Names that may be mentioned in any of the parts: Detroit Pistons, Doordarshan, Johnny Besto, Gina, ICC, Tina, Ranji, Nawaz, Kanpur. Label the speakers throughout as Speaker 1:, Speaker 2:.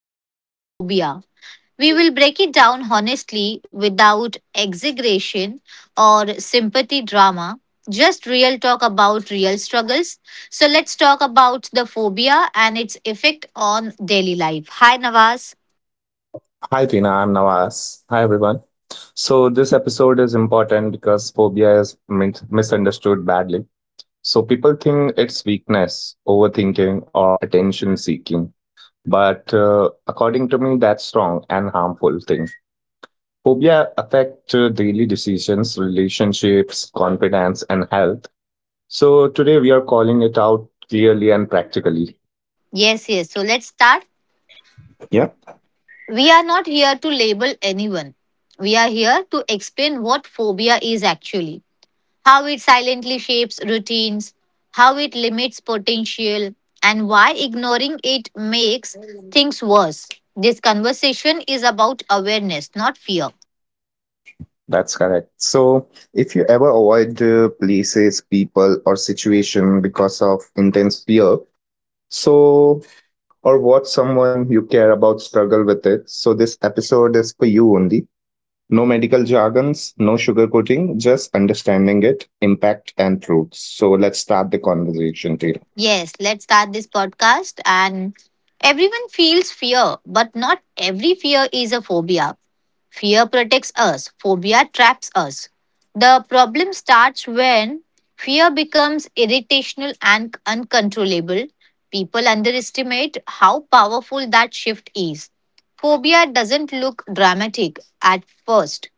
Speaker 1: else is phobia. We will break it down honestly, without exaggeration or sympathy drama, just real talk about real struggles. So let's talk about the phobia and its effect on daily life. Hi, Nawaz.
Speaker 2: Hi Tina, I'm Nawaz. Hi everyone. So this episode is important because phobia is misunderstood badly. So people think it's weakness, overthinking, or attention seeking. But according to me, that's wrong and harmful thing. Phobia affect daily decisions, relationships, confidence, and health. So today we are calling it out clearly and practically.
Speaker 1: Yes, yes. So let's start.
Speaker 2: Yeah.
Speaker 1: We are not here to label anyone. We are here to explain what phobia is actually, how it silently shapes routines, how it limits potential, and why ignoring it makes things worse. This conversation is about awareness, not fear.
Speaker 2: That's correct. So, if you ever avoid places, people, or situation because of intense fear, so or watch someone you care about struggle with it, so this episode is for you only. No medical jargons, no sugarcoating, just understanding it, impact, and truth. So let's start the conversation, Taylor.
Speaker 1: Yes, let's start this podcast. And everyone feels fear, but not every fear is a phobia. Fear protects us, phobia traps us. The problem starts when fear becomes irritational and uncontrollable. People underestimate how powerful that shift is. Phobia doesn't look dramatic at first,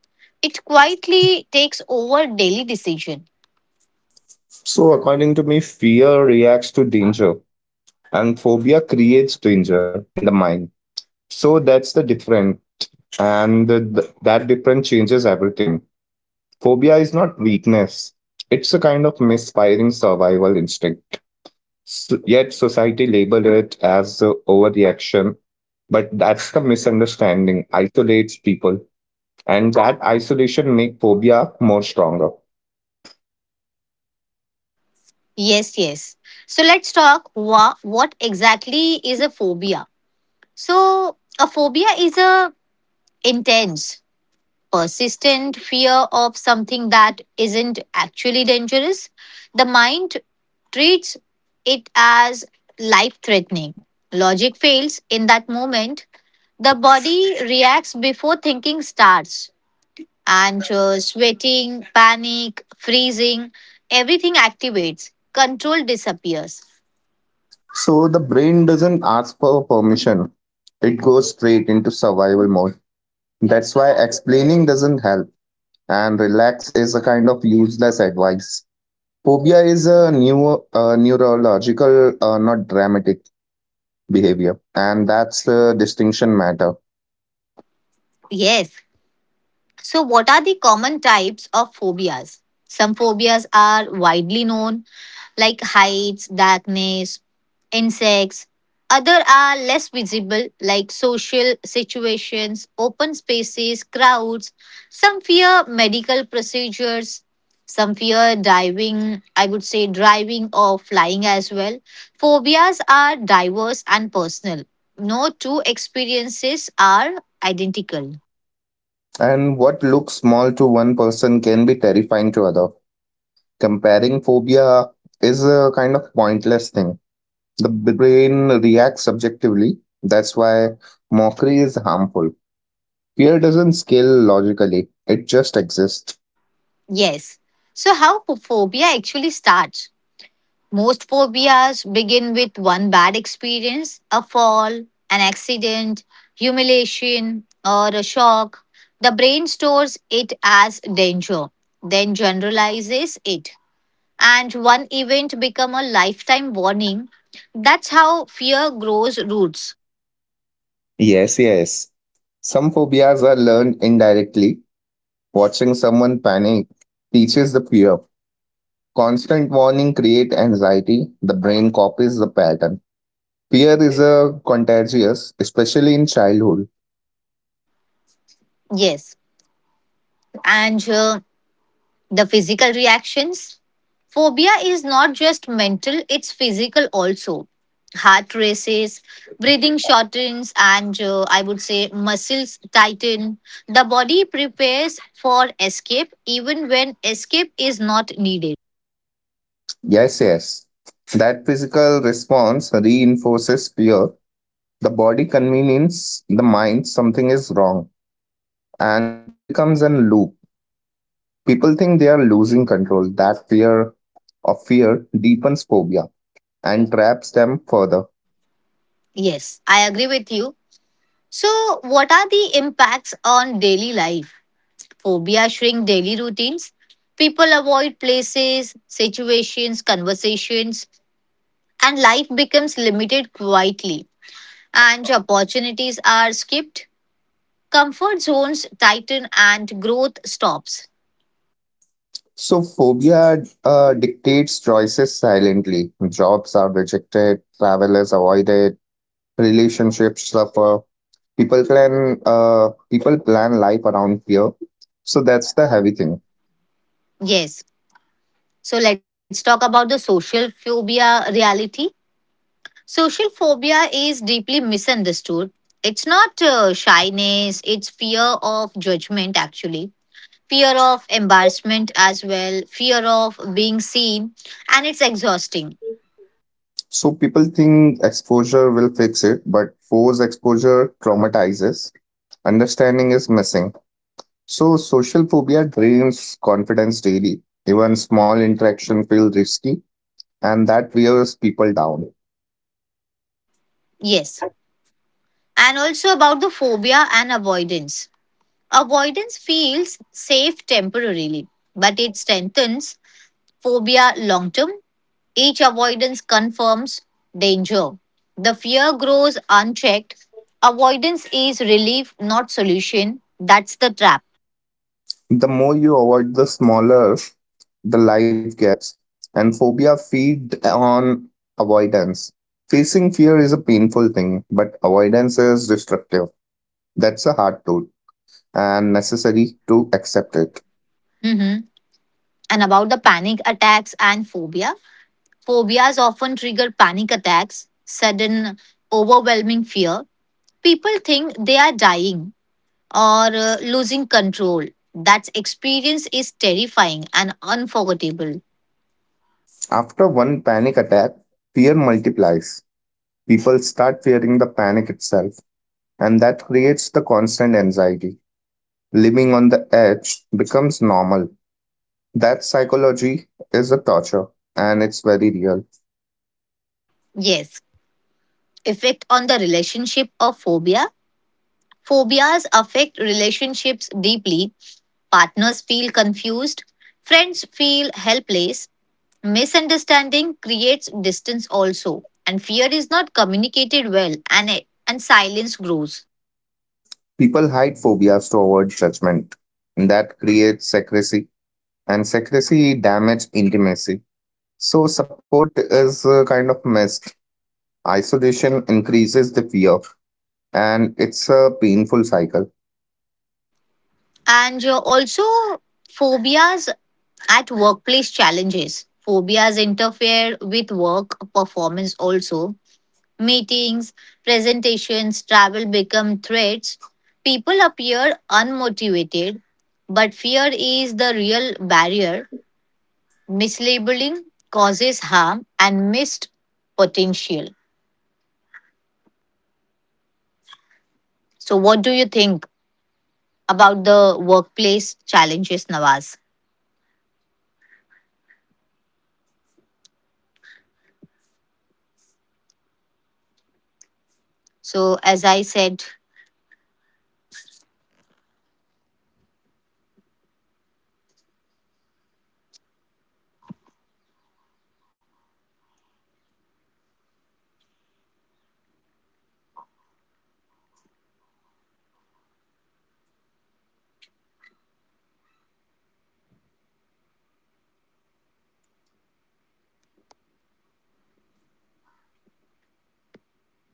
Speaker 1: it quietly takes over daily decision.
Speaker 2: So, according to me, fear reacts to danger, and phobia creates danger in the mind. So that's the difference and that difference changes everything. Phobia is not weakness, it's a kind of misfiring survival instinct. S yet, society labeled it as a overreaction, but that's the misunderstanding, isolates people, and that isolation makes phobia more stronger.
Speaker 1: Yes, yes. So let's talk what exactly is a phobia. So a phobia is a intense, persistent fear of something that isn't actually dangerous. The mind treats it as life threatening. Logic fails in that moment. The body reacts before thinking starts. Anxious, sweating, panic, freezing, everything activates. Control disappears.
Speaker 2: So, the brain doesn't ask for permission, it goes straight into survival mode. That's why explaining doesn't help, and relax is a kind of useless advice. Phobia is a new neurological, not dramatic behavior, and that's the distinction matter.
Speaker 1: Yes. So, what are the common types of phobias? Some phobias are widely known, like heights, darkness, insects. Other are less visible, like social situations, open spaces, crowds. Some fear medical procedures. Some fear diving, I would say driving or flying as well. Phobias are diverse and personal. No two experiences are identical.
Speaker 2: And what looks small to one person can be terrifying to other. Comparing phobia is a kind of pointless thing. The brain reacts subjectively. That's why mockery is harmful. Fear doesn't scale logically, it just exists.
Speaker 1: Yes. So, how phobia actually starts? Most phobias begin with one bad experience, a fall, an accident, humiliation, or a shock. The brain stores it as danger, then generalizes it. And one event become a lifetime warning. That's how fear grows roots.
Speaker 2: Yes, yes. Some phobias are learned indirectly, watching someone panic teaches the fear. Constant warning create anxiety. The brain copies the pattern. Fear is a contagious, especially in childhood.
Speaker 1: Yes. And the physical reactions. Phobia is not just mental, it's physical also. Heart races, breathing shortens, and I would say muscles tighten. The body prepares for escape even when escape is not needed.
Speaker 2: Yes, yes. That physical response reinforces fear. The body convinces the mind something is wrong, and it becomes a loop. People think they are losing control. That fear of fear deepens phobia and traps them further.
Speaker 1: Yes, I agree with you. So, what are the impacts on daily life? Phobia shrink daily routines. People avoid places, situations, conversations, and life becomes limited quietly, and opportunities are skipped, comfort zones tighten, and growth stops.
Speaker 2: So phobia dictates choices silently. Jobs are rejected, travel is avoided, relationships suffer. People plan life around fear. So that's the heavy thing.
Speaker 1: Yes. So let's talk about the social phobia reality. Social phobia is deeply misunderstood. It's not shyness, it's fear of judgment, actually, fear of embarrassment as well, fear of being seen, and it's exhausting.
Speaker 2: So people think exposure will fix it, but forced exposure traumatizes. Understanding is missing. So social phobia drains confidence daily. Even small interaction feel risky, and that wears people down.
Speaker 1: Yes. And also about the phobia and avoidance. Avoidance feels safe temporarily, but it strengthens phobia long term. Each avoidance confirms danger. The fear grows unchecked. Avoidance is relief, not solution. That's the trap.
Speaker 2: The more you avoid, the smaller the life gets, and phobia feed on avoidance. Facing fear is a painful thing, but avoidance is destructive. That's a hard truth, and necessary to accept it.
Speaker 1: Mhm. And about the panic attacks and phobia, phobias often trigger panic attacks, sudden, overwhelming fear. People think they are dying, or losing control. That experience is terrifying and unforgettable.
Speaker 2: After one panic attack, fear multiplies. People start fearing the panic itself, and that creates the constant anxiety. Living on the edge becomes normal. That psychology is a torture, and it's very real.
Speaker 1: Yes. Effect on the relationship of phobia. Phobias affect relationships deeply. Partners feel confused. Friends feel helpless. Misunderstanding creates distance also. And fear is not communicated well, and silence grows.
Speaker 2: People hide phobias to avoid judgment. That creates secrecy, and secrecy damages intimacy. So, support is kind of missed. Isolation increases the fear, and it's a painful cycle.
Speaker 1: And also, phobias at workplace challenges. Phobias interfere with work performance also. Meetings, presentations, travel become threats. People appear unmotivated, but fear is the real barrier. Mislabeling causes harm and missed potential.
Speaker 2: Workplaces rarely
Speaker 1: So
Speaker 2: accommodate
Speaker 1: what do you
Speaker 2: mental
Speaker 1: think
Speaker 2: struggles.
Speaker 1: about the
Speaker 2: Productivity
Speaker 1: workplace
Speaker 2: is
Speaker 1: challenges,
Speaker 2: prioritized
Speaker 1: Nawaz?
Speaker 2: over well being, and phobia sufferer push themselves silently. Burnout follows,
Speaker 1: So
Speaker 2: understanding
Speaker 1: as I
Speaker 2: is rare
Speaker 1: said...
Speaker 2: but necessary.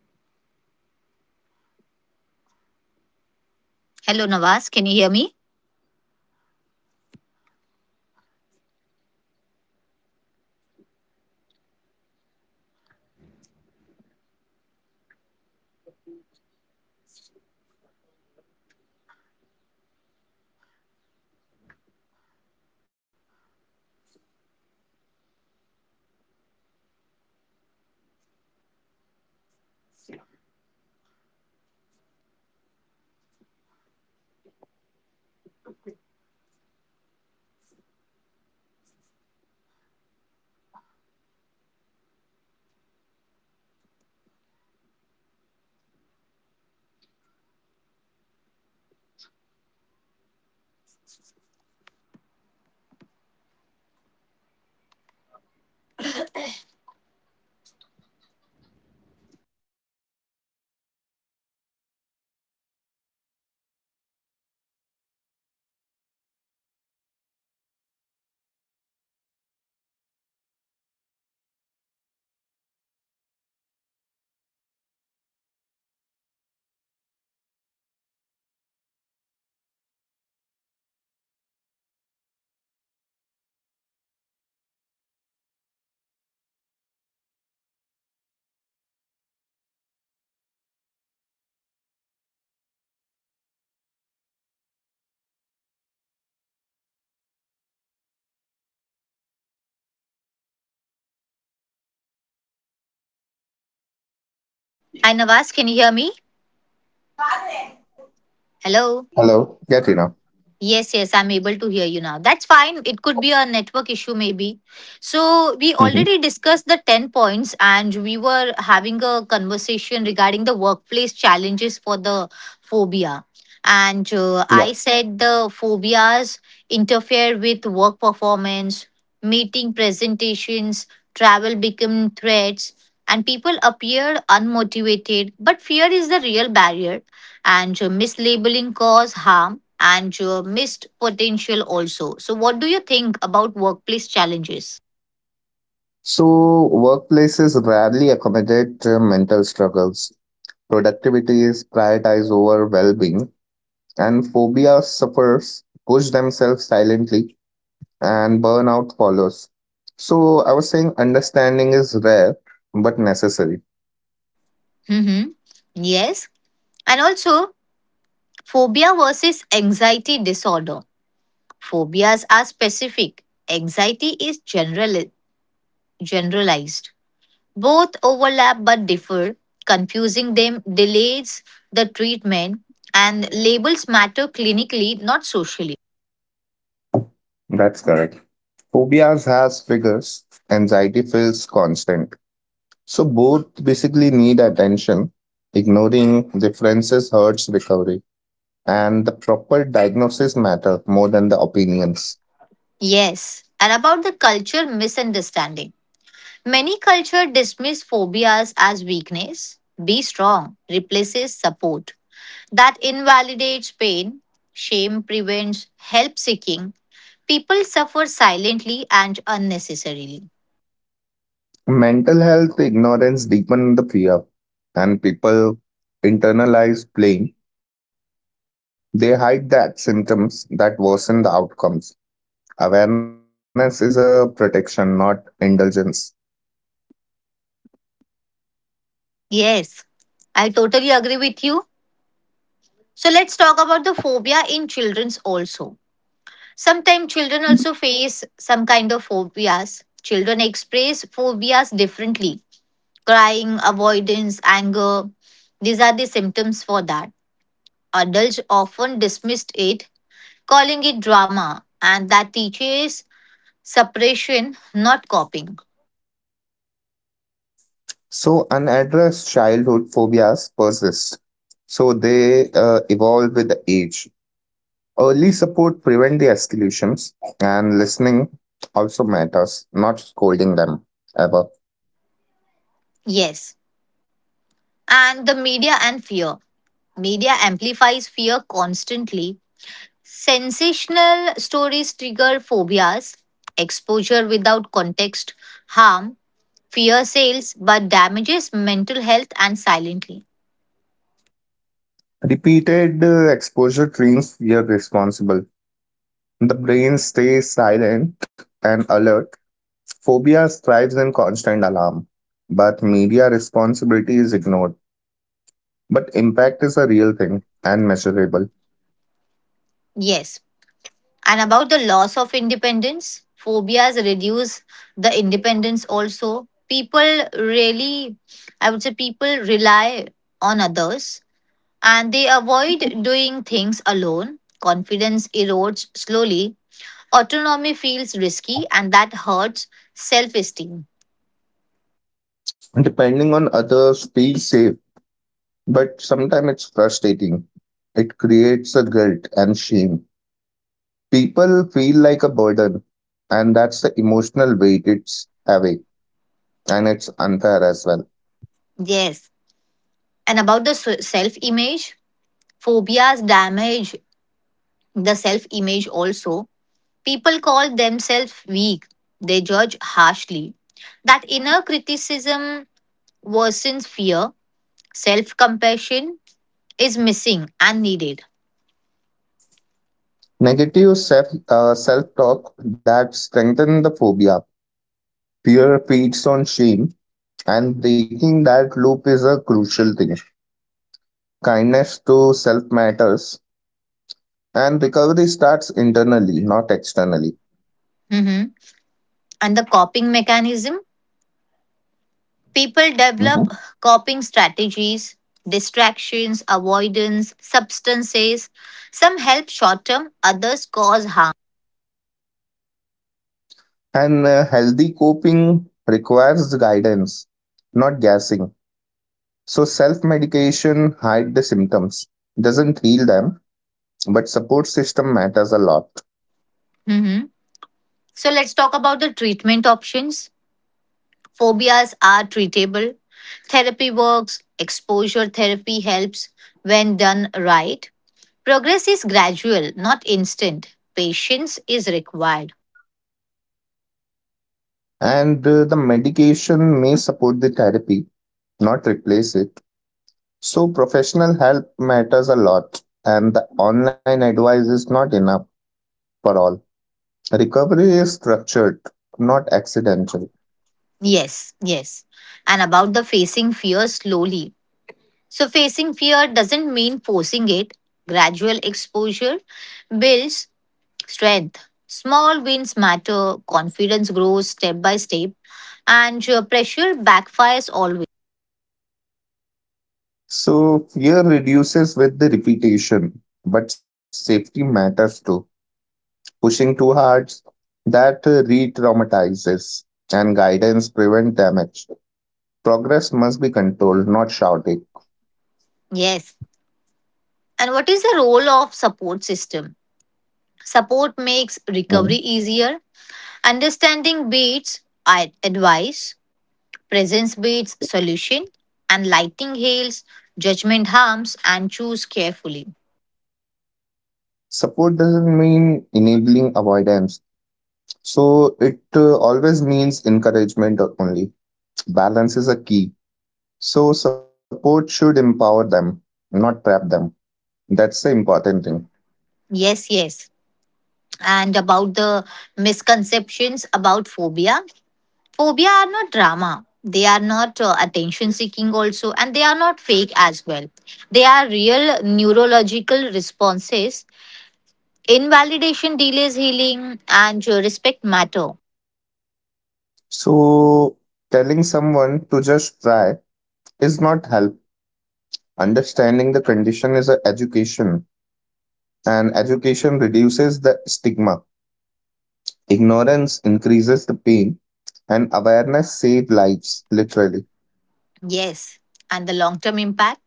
Speaker 2: Can you hear me, Tina?
Speaker 1: Hello Nawaz, can you hear me?
Speaker 2: Hello. Can you hear me? Hello.
Speaker 1: Hi, Navas, can you hear me? Hello.
Speaker 2: Hello.
Speaker 1: Yes, yes, I'm able to hear you now. That's fine. It could be a network issue, maybe. So, we already discussed the 10 points and we were having a conversation regarding the workplace challenges for the phobia. And I
Speaker 2: Yeah.
Speaker 1: said the phobias interfere with work performance, meeting presentations, travel become threats, and people appear unmotivated. But fear is the real barrier, and mislabeling cause harm and missed potential also. So, what do you think about workplace challenges?
Speaker 2: So workplaces rarely accommodate mental struggles. Productivity is prioritized over well-being, and phobia sufferers push themselves silently, and burnout follows. So I was saying understanding is rare but necessary.
Speaker 1: Mm-hmm. Yes. And also, phobia versus anxiety disorder. Phobias are specific, anxiety is general, generalized. Both overlap but differ. Confusing them delays the treatment, and labels matter clinically, not socially.
Speaker 2: That's correct. Phobias has figures, anxiety feels constant. So both basically need attention. Ignoring differences hurts recovery. And the proper diagnosis matter more than the opinions.
Speaker 1: Yes. And about the culture misunderstanding. Many culture dismiss phobias as weakness. Be strong replaces support. That invalidates pain. Shame prevents help seeking. People suffer silently and unnecessarily.
Speaker 2: Mental health ignorance deepens the fear, and people internalize blame. They hide that symptoms that worsen the outcomes. Awareness is a protection, not indulgence.
Speaker 1: Yes, I totally agree with you. So let's talk about the phobia in children's also. Sometimes children also face some kind of phobias. Children express phobias differently. Crying, avoidance, anger. These are the symptoms for that. Adults often dismissed it, calling it drama, and that teaches suppression, not copying.
Speaker 2: So, unaddressed childhood phobias persist. So, they evolve with the age. Early support prevent the escalations, and listening also matters, not scolding them ever.
Speaker 1: Yes. And the media and fear. Media amplifies fear constantly. Sensational stories trigger phobias, exposure without context, harm, fear sales, but damages mental health and silently.
Speaker 2: Repeated exposure trains fear responsible. The brain stays silent and alert. Phobia thrives in constant alarm, but media responsibility is ignored. But impact is a real thing and measurable.
Speaker 1: Yes. And about the loss of independence, phobias reduce the independence also. People really, I would say, people rely on others and they avoid doing things alone. Confidence erodes slowly. Autonomy feels risky, and that hurts self esteem.
Speaker 2: Depending on others feels safe, but sometimes it's frustrating. It creates a guilt and shame. People feel like a burden, and that's the emotional weight it's heavy, and it's unfair as well.
Speaker 1: Yes. And about the self image, phobias damage the self image also. People call themselves weak, they judge harshly. That inner criticism worsens fear, self compassion is missing and needed.
Speaker 2: Negative self-talk that strengthen the phobia. Fear feeds on shame, and breaking that loop is a crucial thing. Kindness to self matters, and recovery starts internally, not externally.
Speaker 1: Mhm. And the coping mechanism people develop
Speaker 2: Hmm.
Speaker 1: coping strategies, distractions, avoidance, substances. Some help short term, others cause harm.
Speaker 2: And healthy coping requires guidance, not gassing. So self-medication hide the symptoms, doesn't heal them, but support system matters a lot.
Speaker 1: Mhm. So, let's talk about the treatment options. Phobias are treatable. Therapy works, exposure therapy helps when done right. Progress is gradual, not instant. Patience is required.
Speaker 2: And the medication may support the therapy, not replace it. So, professional help matters a lot, and the online advice is not enough for all. Recovery is structured, not accidental.
Speaker 1: Yes, yes. And about the facing fear slowly. So, facing fear doesn't mean forcing it. Gradual exposure builds strength. Small wins matter, confidence grows step by step, and your pressure backfires always.
Speaker 2: So, fear reduces with the repetition, but safety matters too. Pushing too hard, that re traumatizes, and guidance prevent damage. Progress must be controlled, not shouted.
Speaker 1: Yes. And what is the role of support system? Support makes recovery
Speaker 2: Mm-hmm.
Speaker 1: easier. Understanding beats advice, presence beats solution, and lighting hails judgment harms and choose carefully.
Speaker 2: Support doesn't mean enabling avoidance. So it always means encouragement only. Balance is a key. So support should empower them, not trap them. That's the important thing.
Speaker 1: Yes, yes. And about the misconceptions about phobia. Phobia are not drama. They are not attention seeking also, and they are not fake as well. They are real neurological responses. Invalidation delays healing, and respect matter.
Speaker 2: So telling someone to just try is not help. Understanding the condition is a education, and education reduces the stigma. Ignorance increases the pain, and awareness save lives, literally.
Speaker 1: Yes. And the long term impact?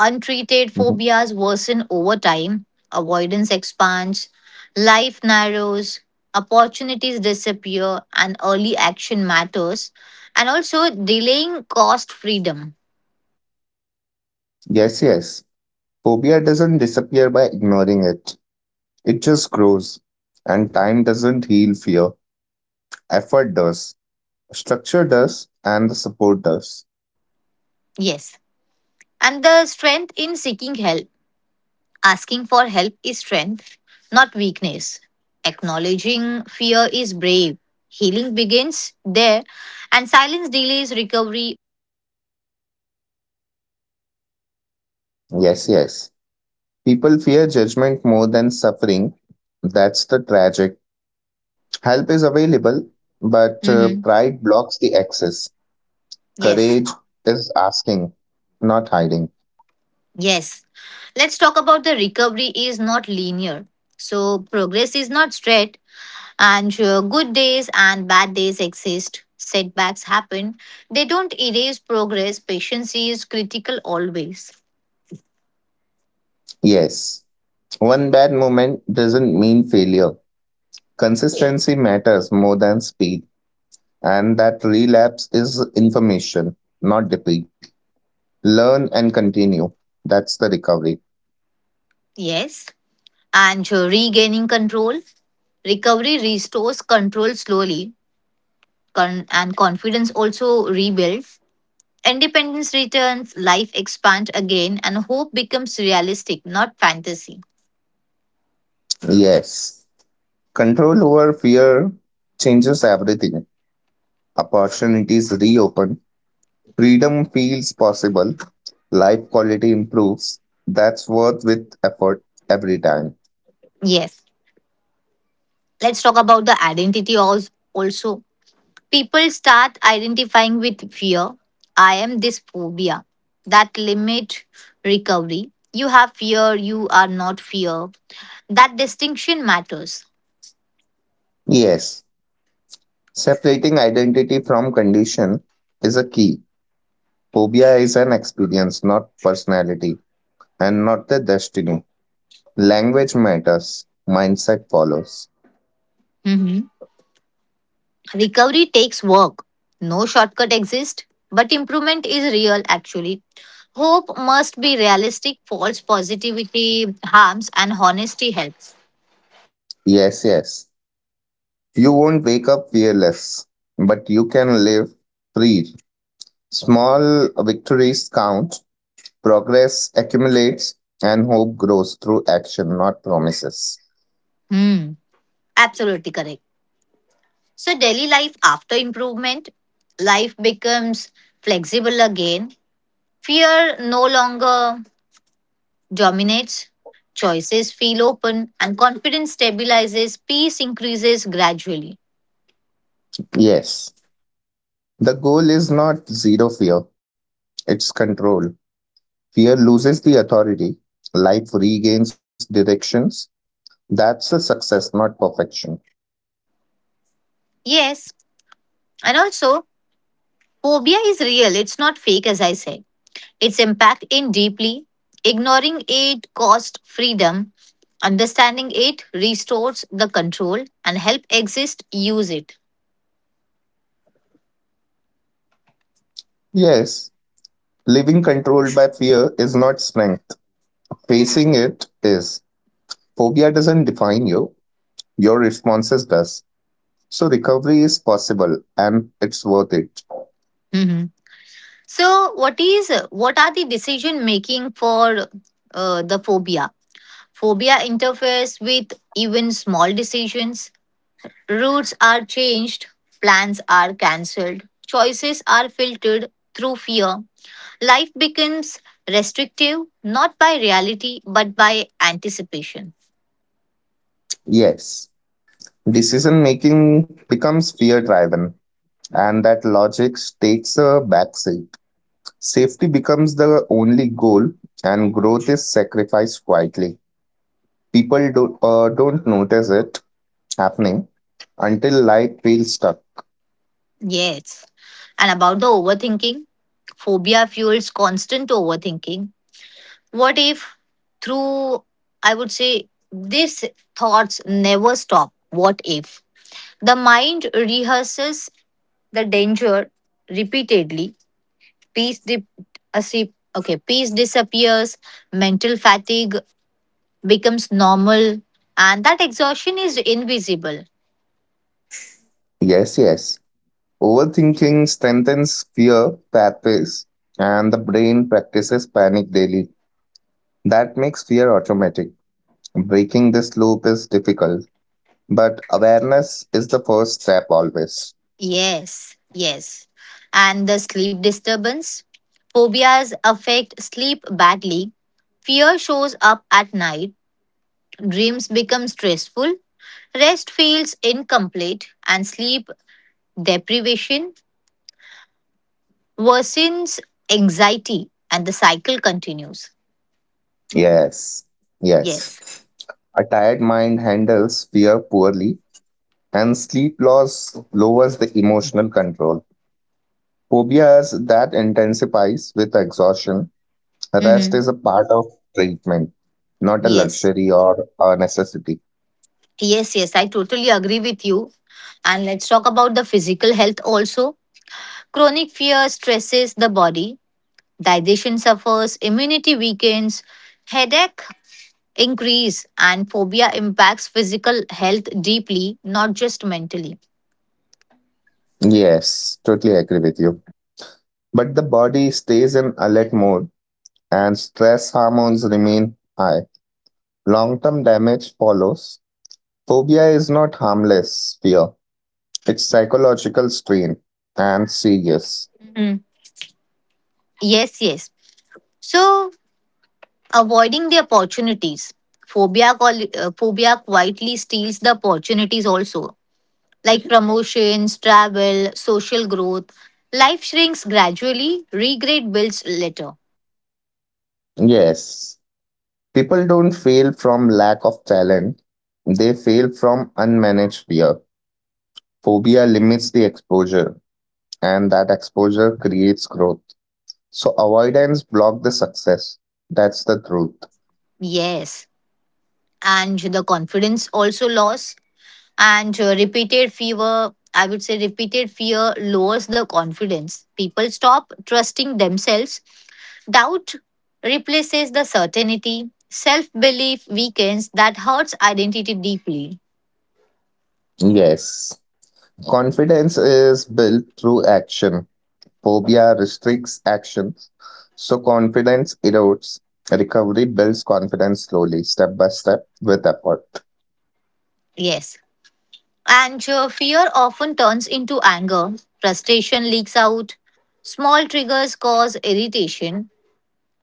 Speaker 1: Untreated
Speaker 2: Mhm.
Speaker 1: phobias worsen over time, avoidance expands, life narrows, opportunities disappear, and early action matters. And also, delaying cost freedom.
Speaker 2: Yes, yes. Phobia doesn't disappear by ignoring it, it just grows. And time doesn't heal fear, effort does, structure does, and the support does.
Speaker 1: Yes. And the strength in seeking help. Asking for help is strength, not weakness. Acknowledging fear is brave. Healing begins there, and silence delays recovery.
Speaker 2: Yes, yes. People fear judgment more than suffering. That's the tragic. Help is available, but
Speaker 1: Mhm.
Speaker 2: pride blocks the access.
Speaker 1: Yes,
Speaker 2: Courage is asking, not hiding.
Speaker 1: yes. Let's talk about the recovery is not linear. So, progress is not straight, and sure, good days and bad days exist. Setbacks happen. They don't erase progress. Patience is critical always.
Speaker 2: Yes. One bad moment doesn't mean failure. Consistency matters more than speed. And that relapse is information, not defeat. Learn and continue. That's the recovery.
Speaker 1: Yes. And regaining control. Recovery restores control slowly, and confidence also rebuilds. Independence returns, life expands again, and hope becomes realistic, not fantasy.
Speaker 2: Yes. Control over fear changes everything. Opportunities reopen. Freedom feels possible. Life quality improves. That's worth with effort every time.
Speaker 1: Yes, let's talk about the identity also. People start identifying with fear. I am this phobia. That limit recovery. You have fear, you are not fear. That distinction matters.
Speaker 2: Yes. Separating identity from condition is a key. Phobia is an experience, not personality, and not the destiny. Language matters, mindset follows.
Speaker 1: Mm-hmm. Recovery takes work. No shortcut exists, but improvement is real actually. Hope must be realistic, false positivity harms, and honesty helps.
Speaker 2: Yes, yes. You won't wake up fearless, but you can live free. Small victories count, progress accumulates, and hope grows through action, not promises.
Speaker 1: Hmm, absolutely correct. So, daily life after improvement, life becomes flexible again. Fear no longer dominates. Choices feel open, and confidence stabilizes. Peace increases gradually.
Speaker 2: Yes. The goal is not zero fear, it's control. Fear loses the authority, life regains directions. That's a success, not perfection.
Speaker 1: Yes, and also, phobia is real, it's not fake, as I said. Its impact in deeply. Ignoring it costs freedom. Understanding it restores the control and help exist use it.
Speaker 2: Yes, living controlled by fear is not strength. Facing it is phobia doesn't define you, your responses does. So recovery is possible and it's worth it.
Speaker 1: Mhm. So, what is what are the decision making for the phobia? Phobia interferes with even small decisions. Routes are changed, plans are cancelled, choices are filtered through fear. Life becomes restrictive, not by reality but by anticipation.
Speaker 2: Yes, decision making becomes fear driven and that logic takes a backseat. Safety becomes the only goal and growth is sacrificed quietly. People don't notice it happening until life feels stuck.
Speaker 1: Yes. And about the overthinking, phobia fuels constant overthinking. What if, through, I would say, these thoughts never stop? What if? The mind rehearses the danger repeatedly. Peace, dip, asi- okay, peace disappears, mental fatigue becomes normal, and that exhaustion is invisible.
Speaker 2: Yes, yes. Overthinking strengthens fear pathways, and the brain practices panic daily. That makes fear automatic. Breaking this loop is difficult, but awareness is the first step always.
Speaker 1: Yes, yes. And the sleep disturbance. Phobias affect sleep badly. Fear shows up at night. Dreams become stressful. Rest feels incomplete. And sleep deprivation worsens anxiety. And the cycle continues.
Speaker 2: Yes, yes.
Speaker 1: Yes.
Speaker 2: A tired mind handles fear poorly, and sleep loss lowers the emotional control. Phobias that intensifies with exhaustion. Rest
Speaker 1: Mm-hmm.
Speaker 2: is a part of treatment, not a
Speaker 1: Yes.
Speaker 2: luxury or a necessity.
Speaker 1: Yes, yes, I totally agree with you. And let's talk about the physical health also. Chronic fear stresses the body, digestion suffers, immunity weakens, headache increase, and phobia impacts physical health deeply, not just mentally.
Speaker 2: Yes, totally agree with you. But the body stays in alert mode and stress hormones remain high. Long term damage follows. Phobia is not harmless fear, it's psychological strain and serious.
Speaker 1: Mm. Yes, yes. So, avoiding the opportunities. Phobia quietly steals the opportunities also, like promotions, travel, social growth. Life shrinks gradually, regret builds later.
Speaker 2: Yes, people don't fail from lack of talent, they fail from unmanaged fear. Phobia limits the exposure, and that exposure creates growth. So, avoidance blocks the success. That's the truth.
Speaker 1: Yes. And the confidence also lost. I would say repeated fear lowers the confidence. People stop trusting themselves. Doubt replaces the certainty. Self belief weakens, that hurts identity deeply.
Speaker 2: Yes. Confidence is built through action. Phobia restricts actions. So confidence erodes. Recovery builds confidence slowly, step by step, with effort.
Speaker 1: Yes. And fear often turns into anger. Frustration leaks out. Small triggers cause irritation.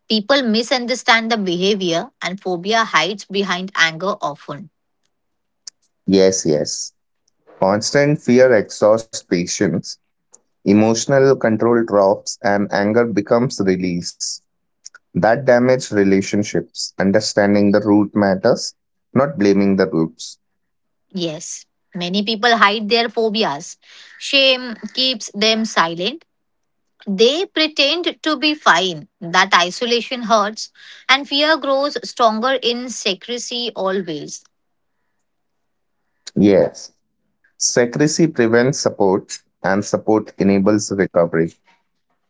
Speaker 1: People misunderstand the behavior, and phobia hides behind anger often.
Speaker 2: Yes, yes. Constant fear exhausts patience. Emotional control drops and anger becomes release. That damages relationships. Understanding the root matters, not blaming the roots.
Speaker 1: Yes, many people hide their phobias. Shame keeps them silent. They pretend to be fine. That isolation hurts, and fear grows stronger in secrecy always.
Speaker 2: Yes. Secrecy prevents support, and support enables recovery.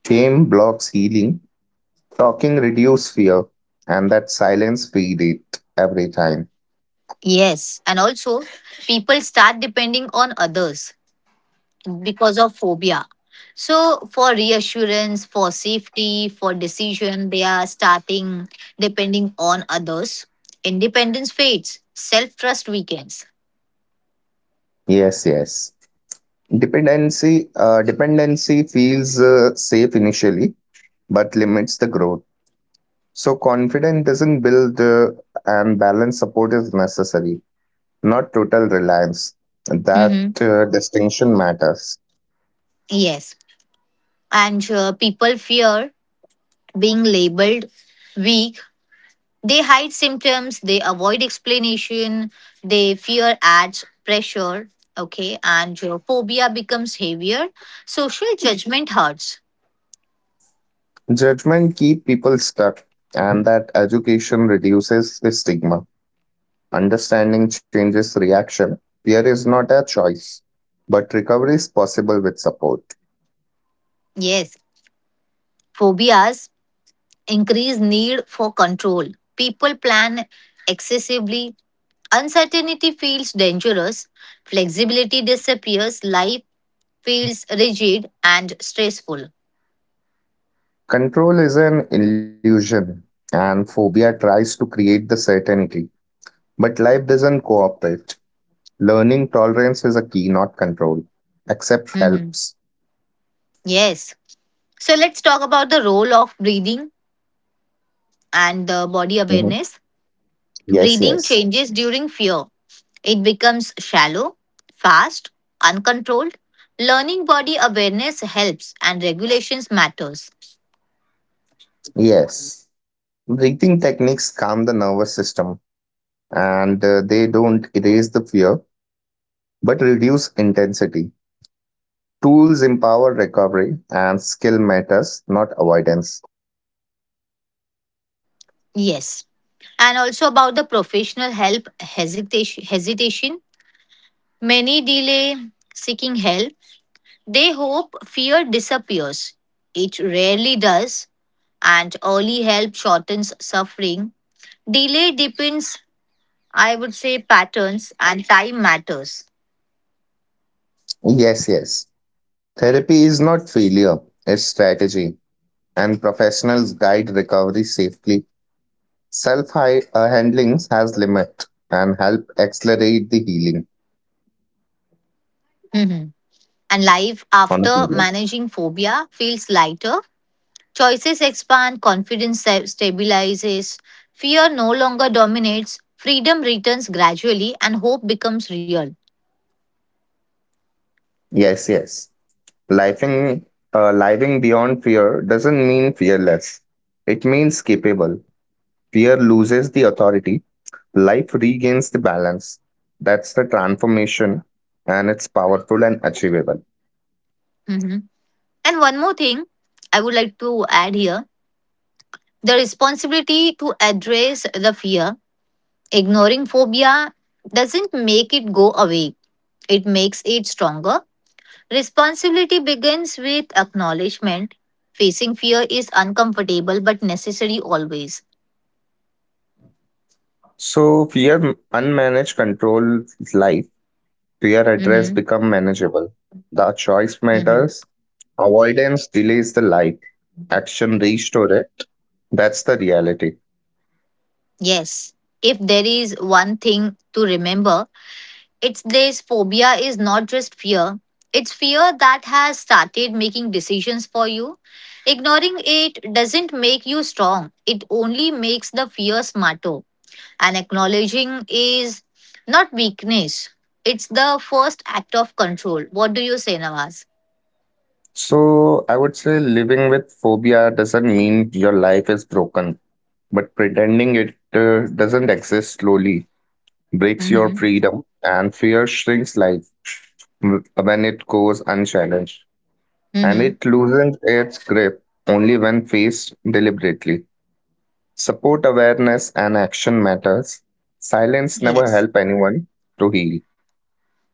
Speaker 2: Shame blocks healing, talking reduces fear, and that silence feeds it every time.
Speaker 1: Yes, and also, people start depending on others because of phobia. So, for reassurance, for safety, for decision, they are starting depending on others. Independence fades, self trust weakens.
Speaker 2: Yes, yes. Dependency feels safe initially, but limits the growth. So confidence doesn't build, and balanced support is necessary, not total reliance. That
Speaker 1: Mhm.
Speaker 2: distinction matters.
Speaker 1: Yes. And people fear being labeled weak. They hide symptoms, they avoid explanation, they fear adds pressure. Okay. And phobia becomes heavier. Social judgment hurts.
Speaker 2: Judgment keep people stuck, and that education reduces the stigma. Understanding changes reaction. Fear is not a choice, but recovery is possible with support.
Speaker 1: Yes. Phobias increased need for control. People plan excessively. Uncertainty feels dangerous. Flexibility disappears. Life feels rigid and stressful.
Speaker 2: Control is an illusion, and phobia tries to create the certainty, but life doesn't cooperate. Learning tolerance is a key, not control. Accept
Speaker 1: Mhm.
Speaker 2: helps.
Speaker 1: Yes. So let's talk about the role of breathing and the body
Speaker 2: Mhm.
Speaker 1: awareness.
Speaker 2: Yes,
Speaker 1: Breathing
Speaker 2: yes,
Speaker 1: changes during fear. It becomes shallow, fast, uncontrolled. Learning body awareness helps and regulations matters.
Speaker 2: yes. Breathing techniques calm the nervous system and they don't erase the fear but reduce intensity. Tools empower recovery and skill matters, not avoidance.
Speaker 1: Yes. And also about the professional help hesitation. Many delay seeking help. They hope fear disappears. It rarely does, and early help shortens suffering. Delay depends, I would say, patterns and time matters.
Speaker 2: Yes, yes. Therapy is not failure, it's strategy, and professionals guide recovery safely. Self handling has limit and help accelerate the healing
Speaker 1: Mhm. And life
Speaker 2: on a
Speaker 1: after
Speaker 2: period.
Speaker 1: managing phobia feels lighter. Choices expand, confidence stabilizes, fear no longer dominates, freedom returns gradually, and hope becomes real.
Speaker 2: Yes, yes. Living, living beyond fear doesn't mean fearless, it means capable. Fear loses the authority. Life regains the balance. That's the transformation, and it's powerful and achievable.
Speaker 1: Mhm. And one more thing I would like to add here, the responsibility to address the fear. Ignoring phobia doesn't make it go away, it makes it stronger. Responsibility begins with acknowledgement. Facing fear is uncomfortable but necessary always.
Speaker 2: So, fear unmanaged controls life. Fear address
Speaker 1: Hmm.
Speaker 2: become manageable. The choice matters. Avoidance delays the life. Action restore it. That's the reality.
Speaker 1: Yes. If there is one thing to remember, it's this: phobia is not just fear. It's fear that has started making decisions for you. Ignoring it doesn't make you strong, it only makes the fear smarter. And acknowledging is not weakness, it's the first act of control. What do you say, Nawaz?
Speaker 2: So, I would say living with phobia doesn't mean your life is broken, but pretending it doesn't exist slowly breaks your
Speaker 1: Mm-hmm.
Speaker 2: freedom, and fear shrinks life when it goes unchallenged, and
Speaker 1: Mm-hmm.
Speaker 2: it loosens its grip only when faced deliberately. Support awareness and action matters. Silence never
Speaker 1: Yes.
Speaker 2: help anyone to heal.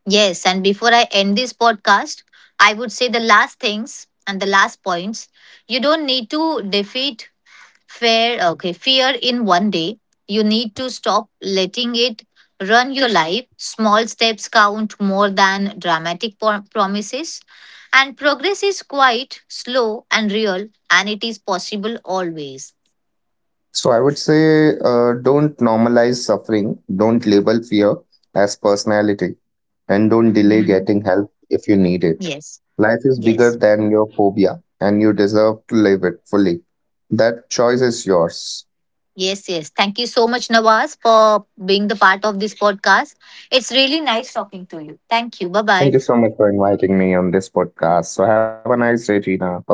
Speaker 1: Yes, and before I end this podcast, I would say the last things and the last points. You don't need to defeat fear in one day. You need to stop letting it run your life. Small steps count more than dramatic promises. And progress is quite slow and real, and it is possible always.
Speaker 2: So I would say don't normalize suffering, don't label fear as personality, and don't delay
Speaker 1: Mhm.
Speaker 2: getting help if you need it.
Speaker 1: Yes,
Speaker 2: Life is bigger
Speaker 1: yes.
Speaker 2: than your phobia, and you deserve to live it fully. That choice is yours.
Speaker 1: Yes, yes. Thank you so much, Nawaz, for being the part of this podcast. It's really nice talking to you. Thank you. Bye
Speaker 2: Thank
Speaker 1: bye.
Speaker 2: you so much for inviting me on this podcast. So have a nice day, Gina. Bye bye.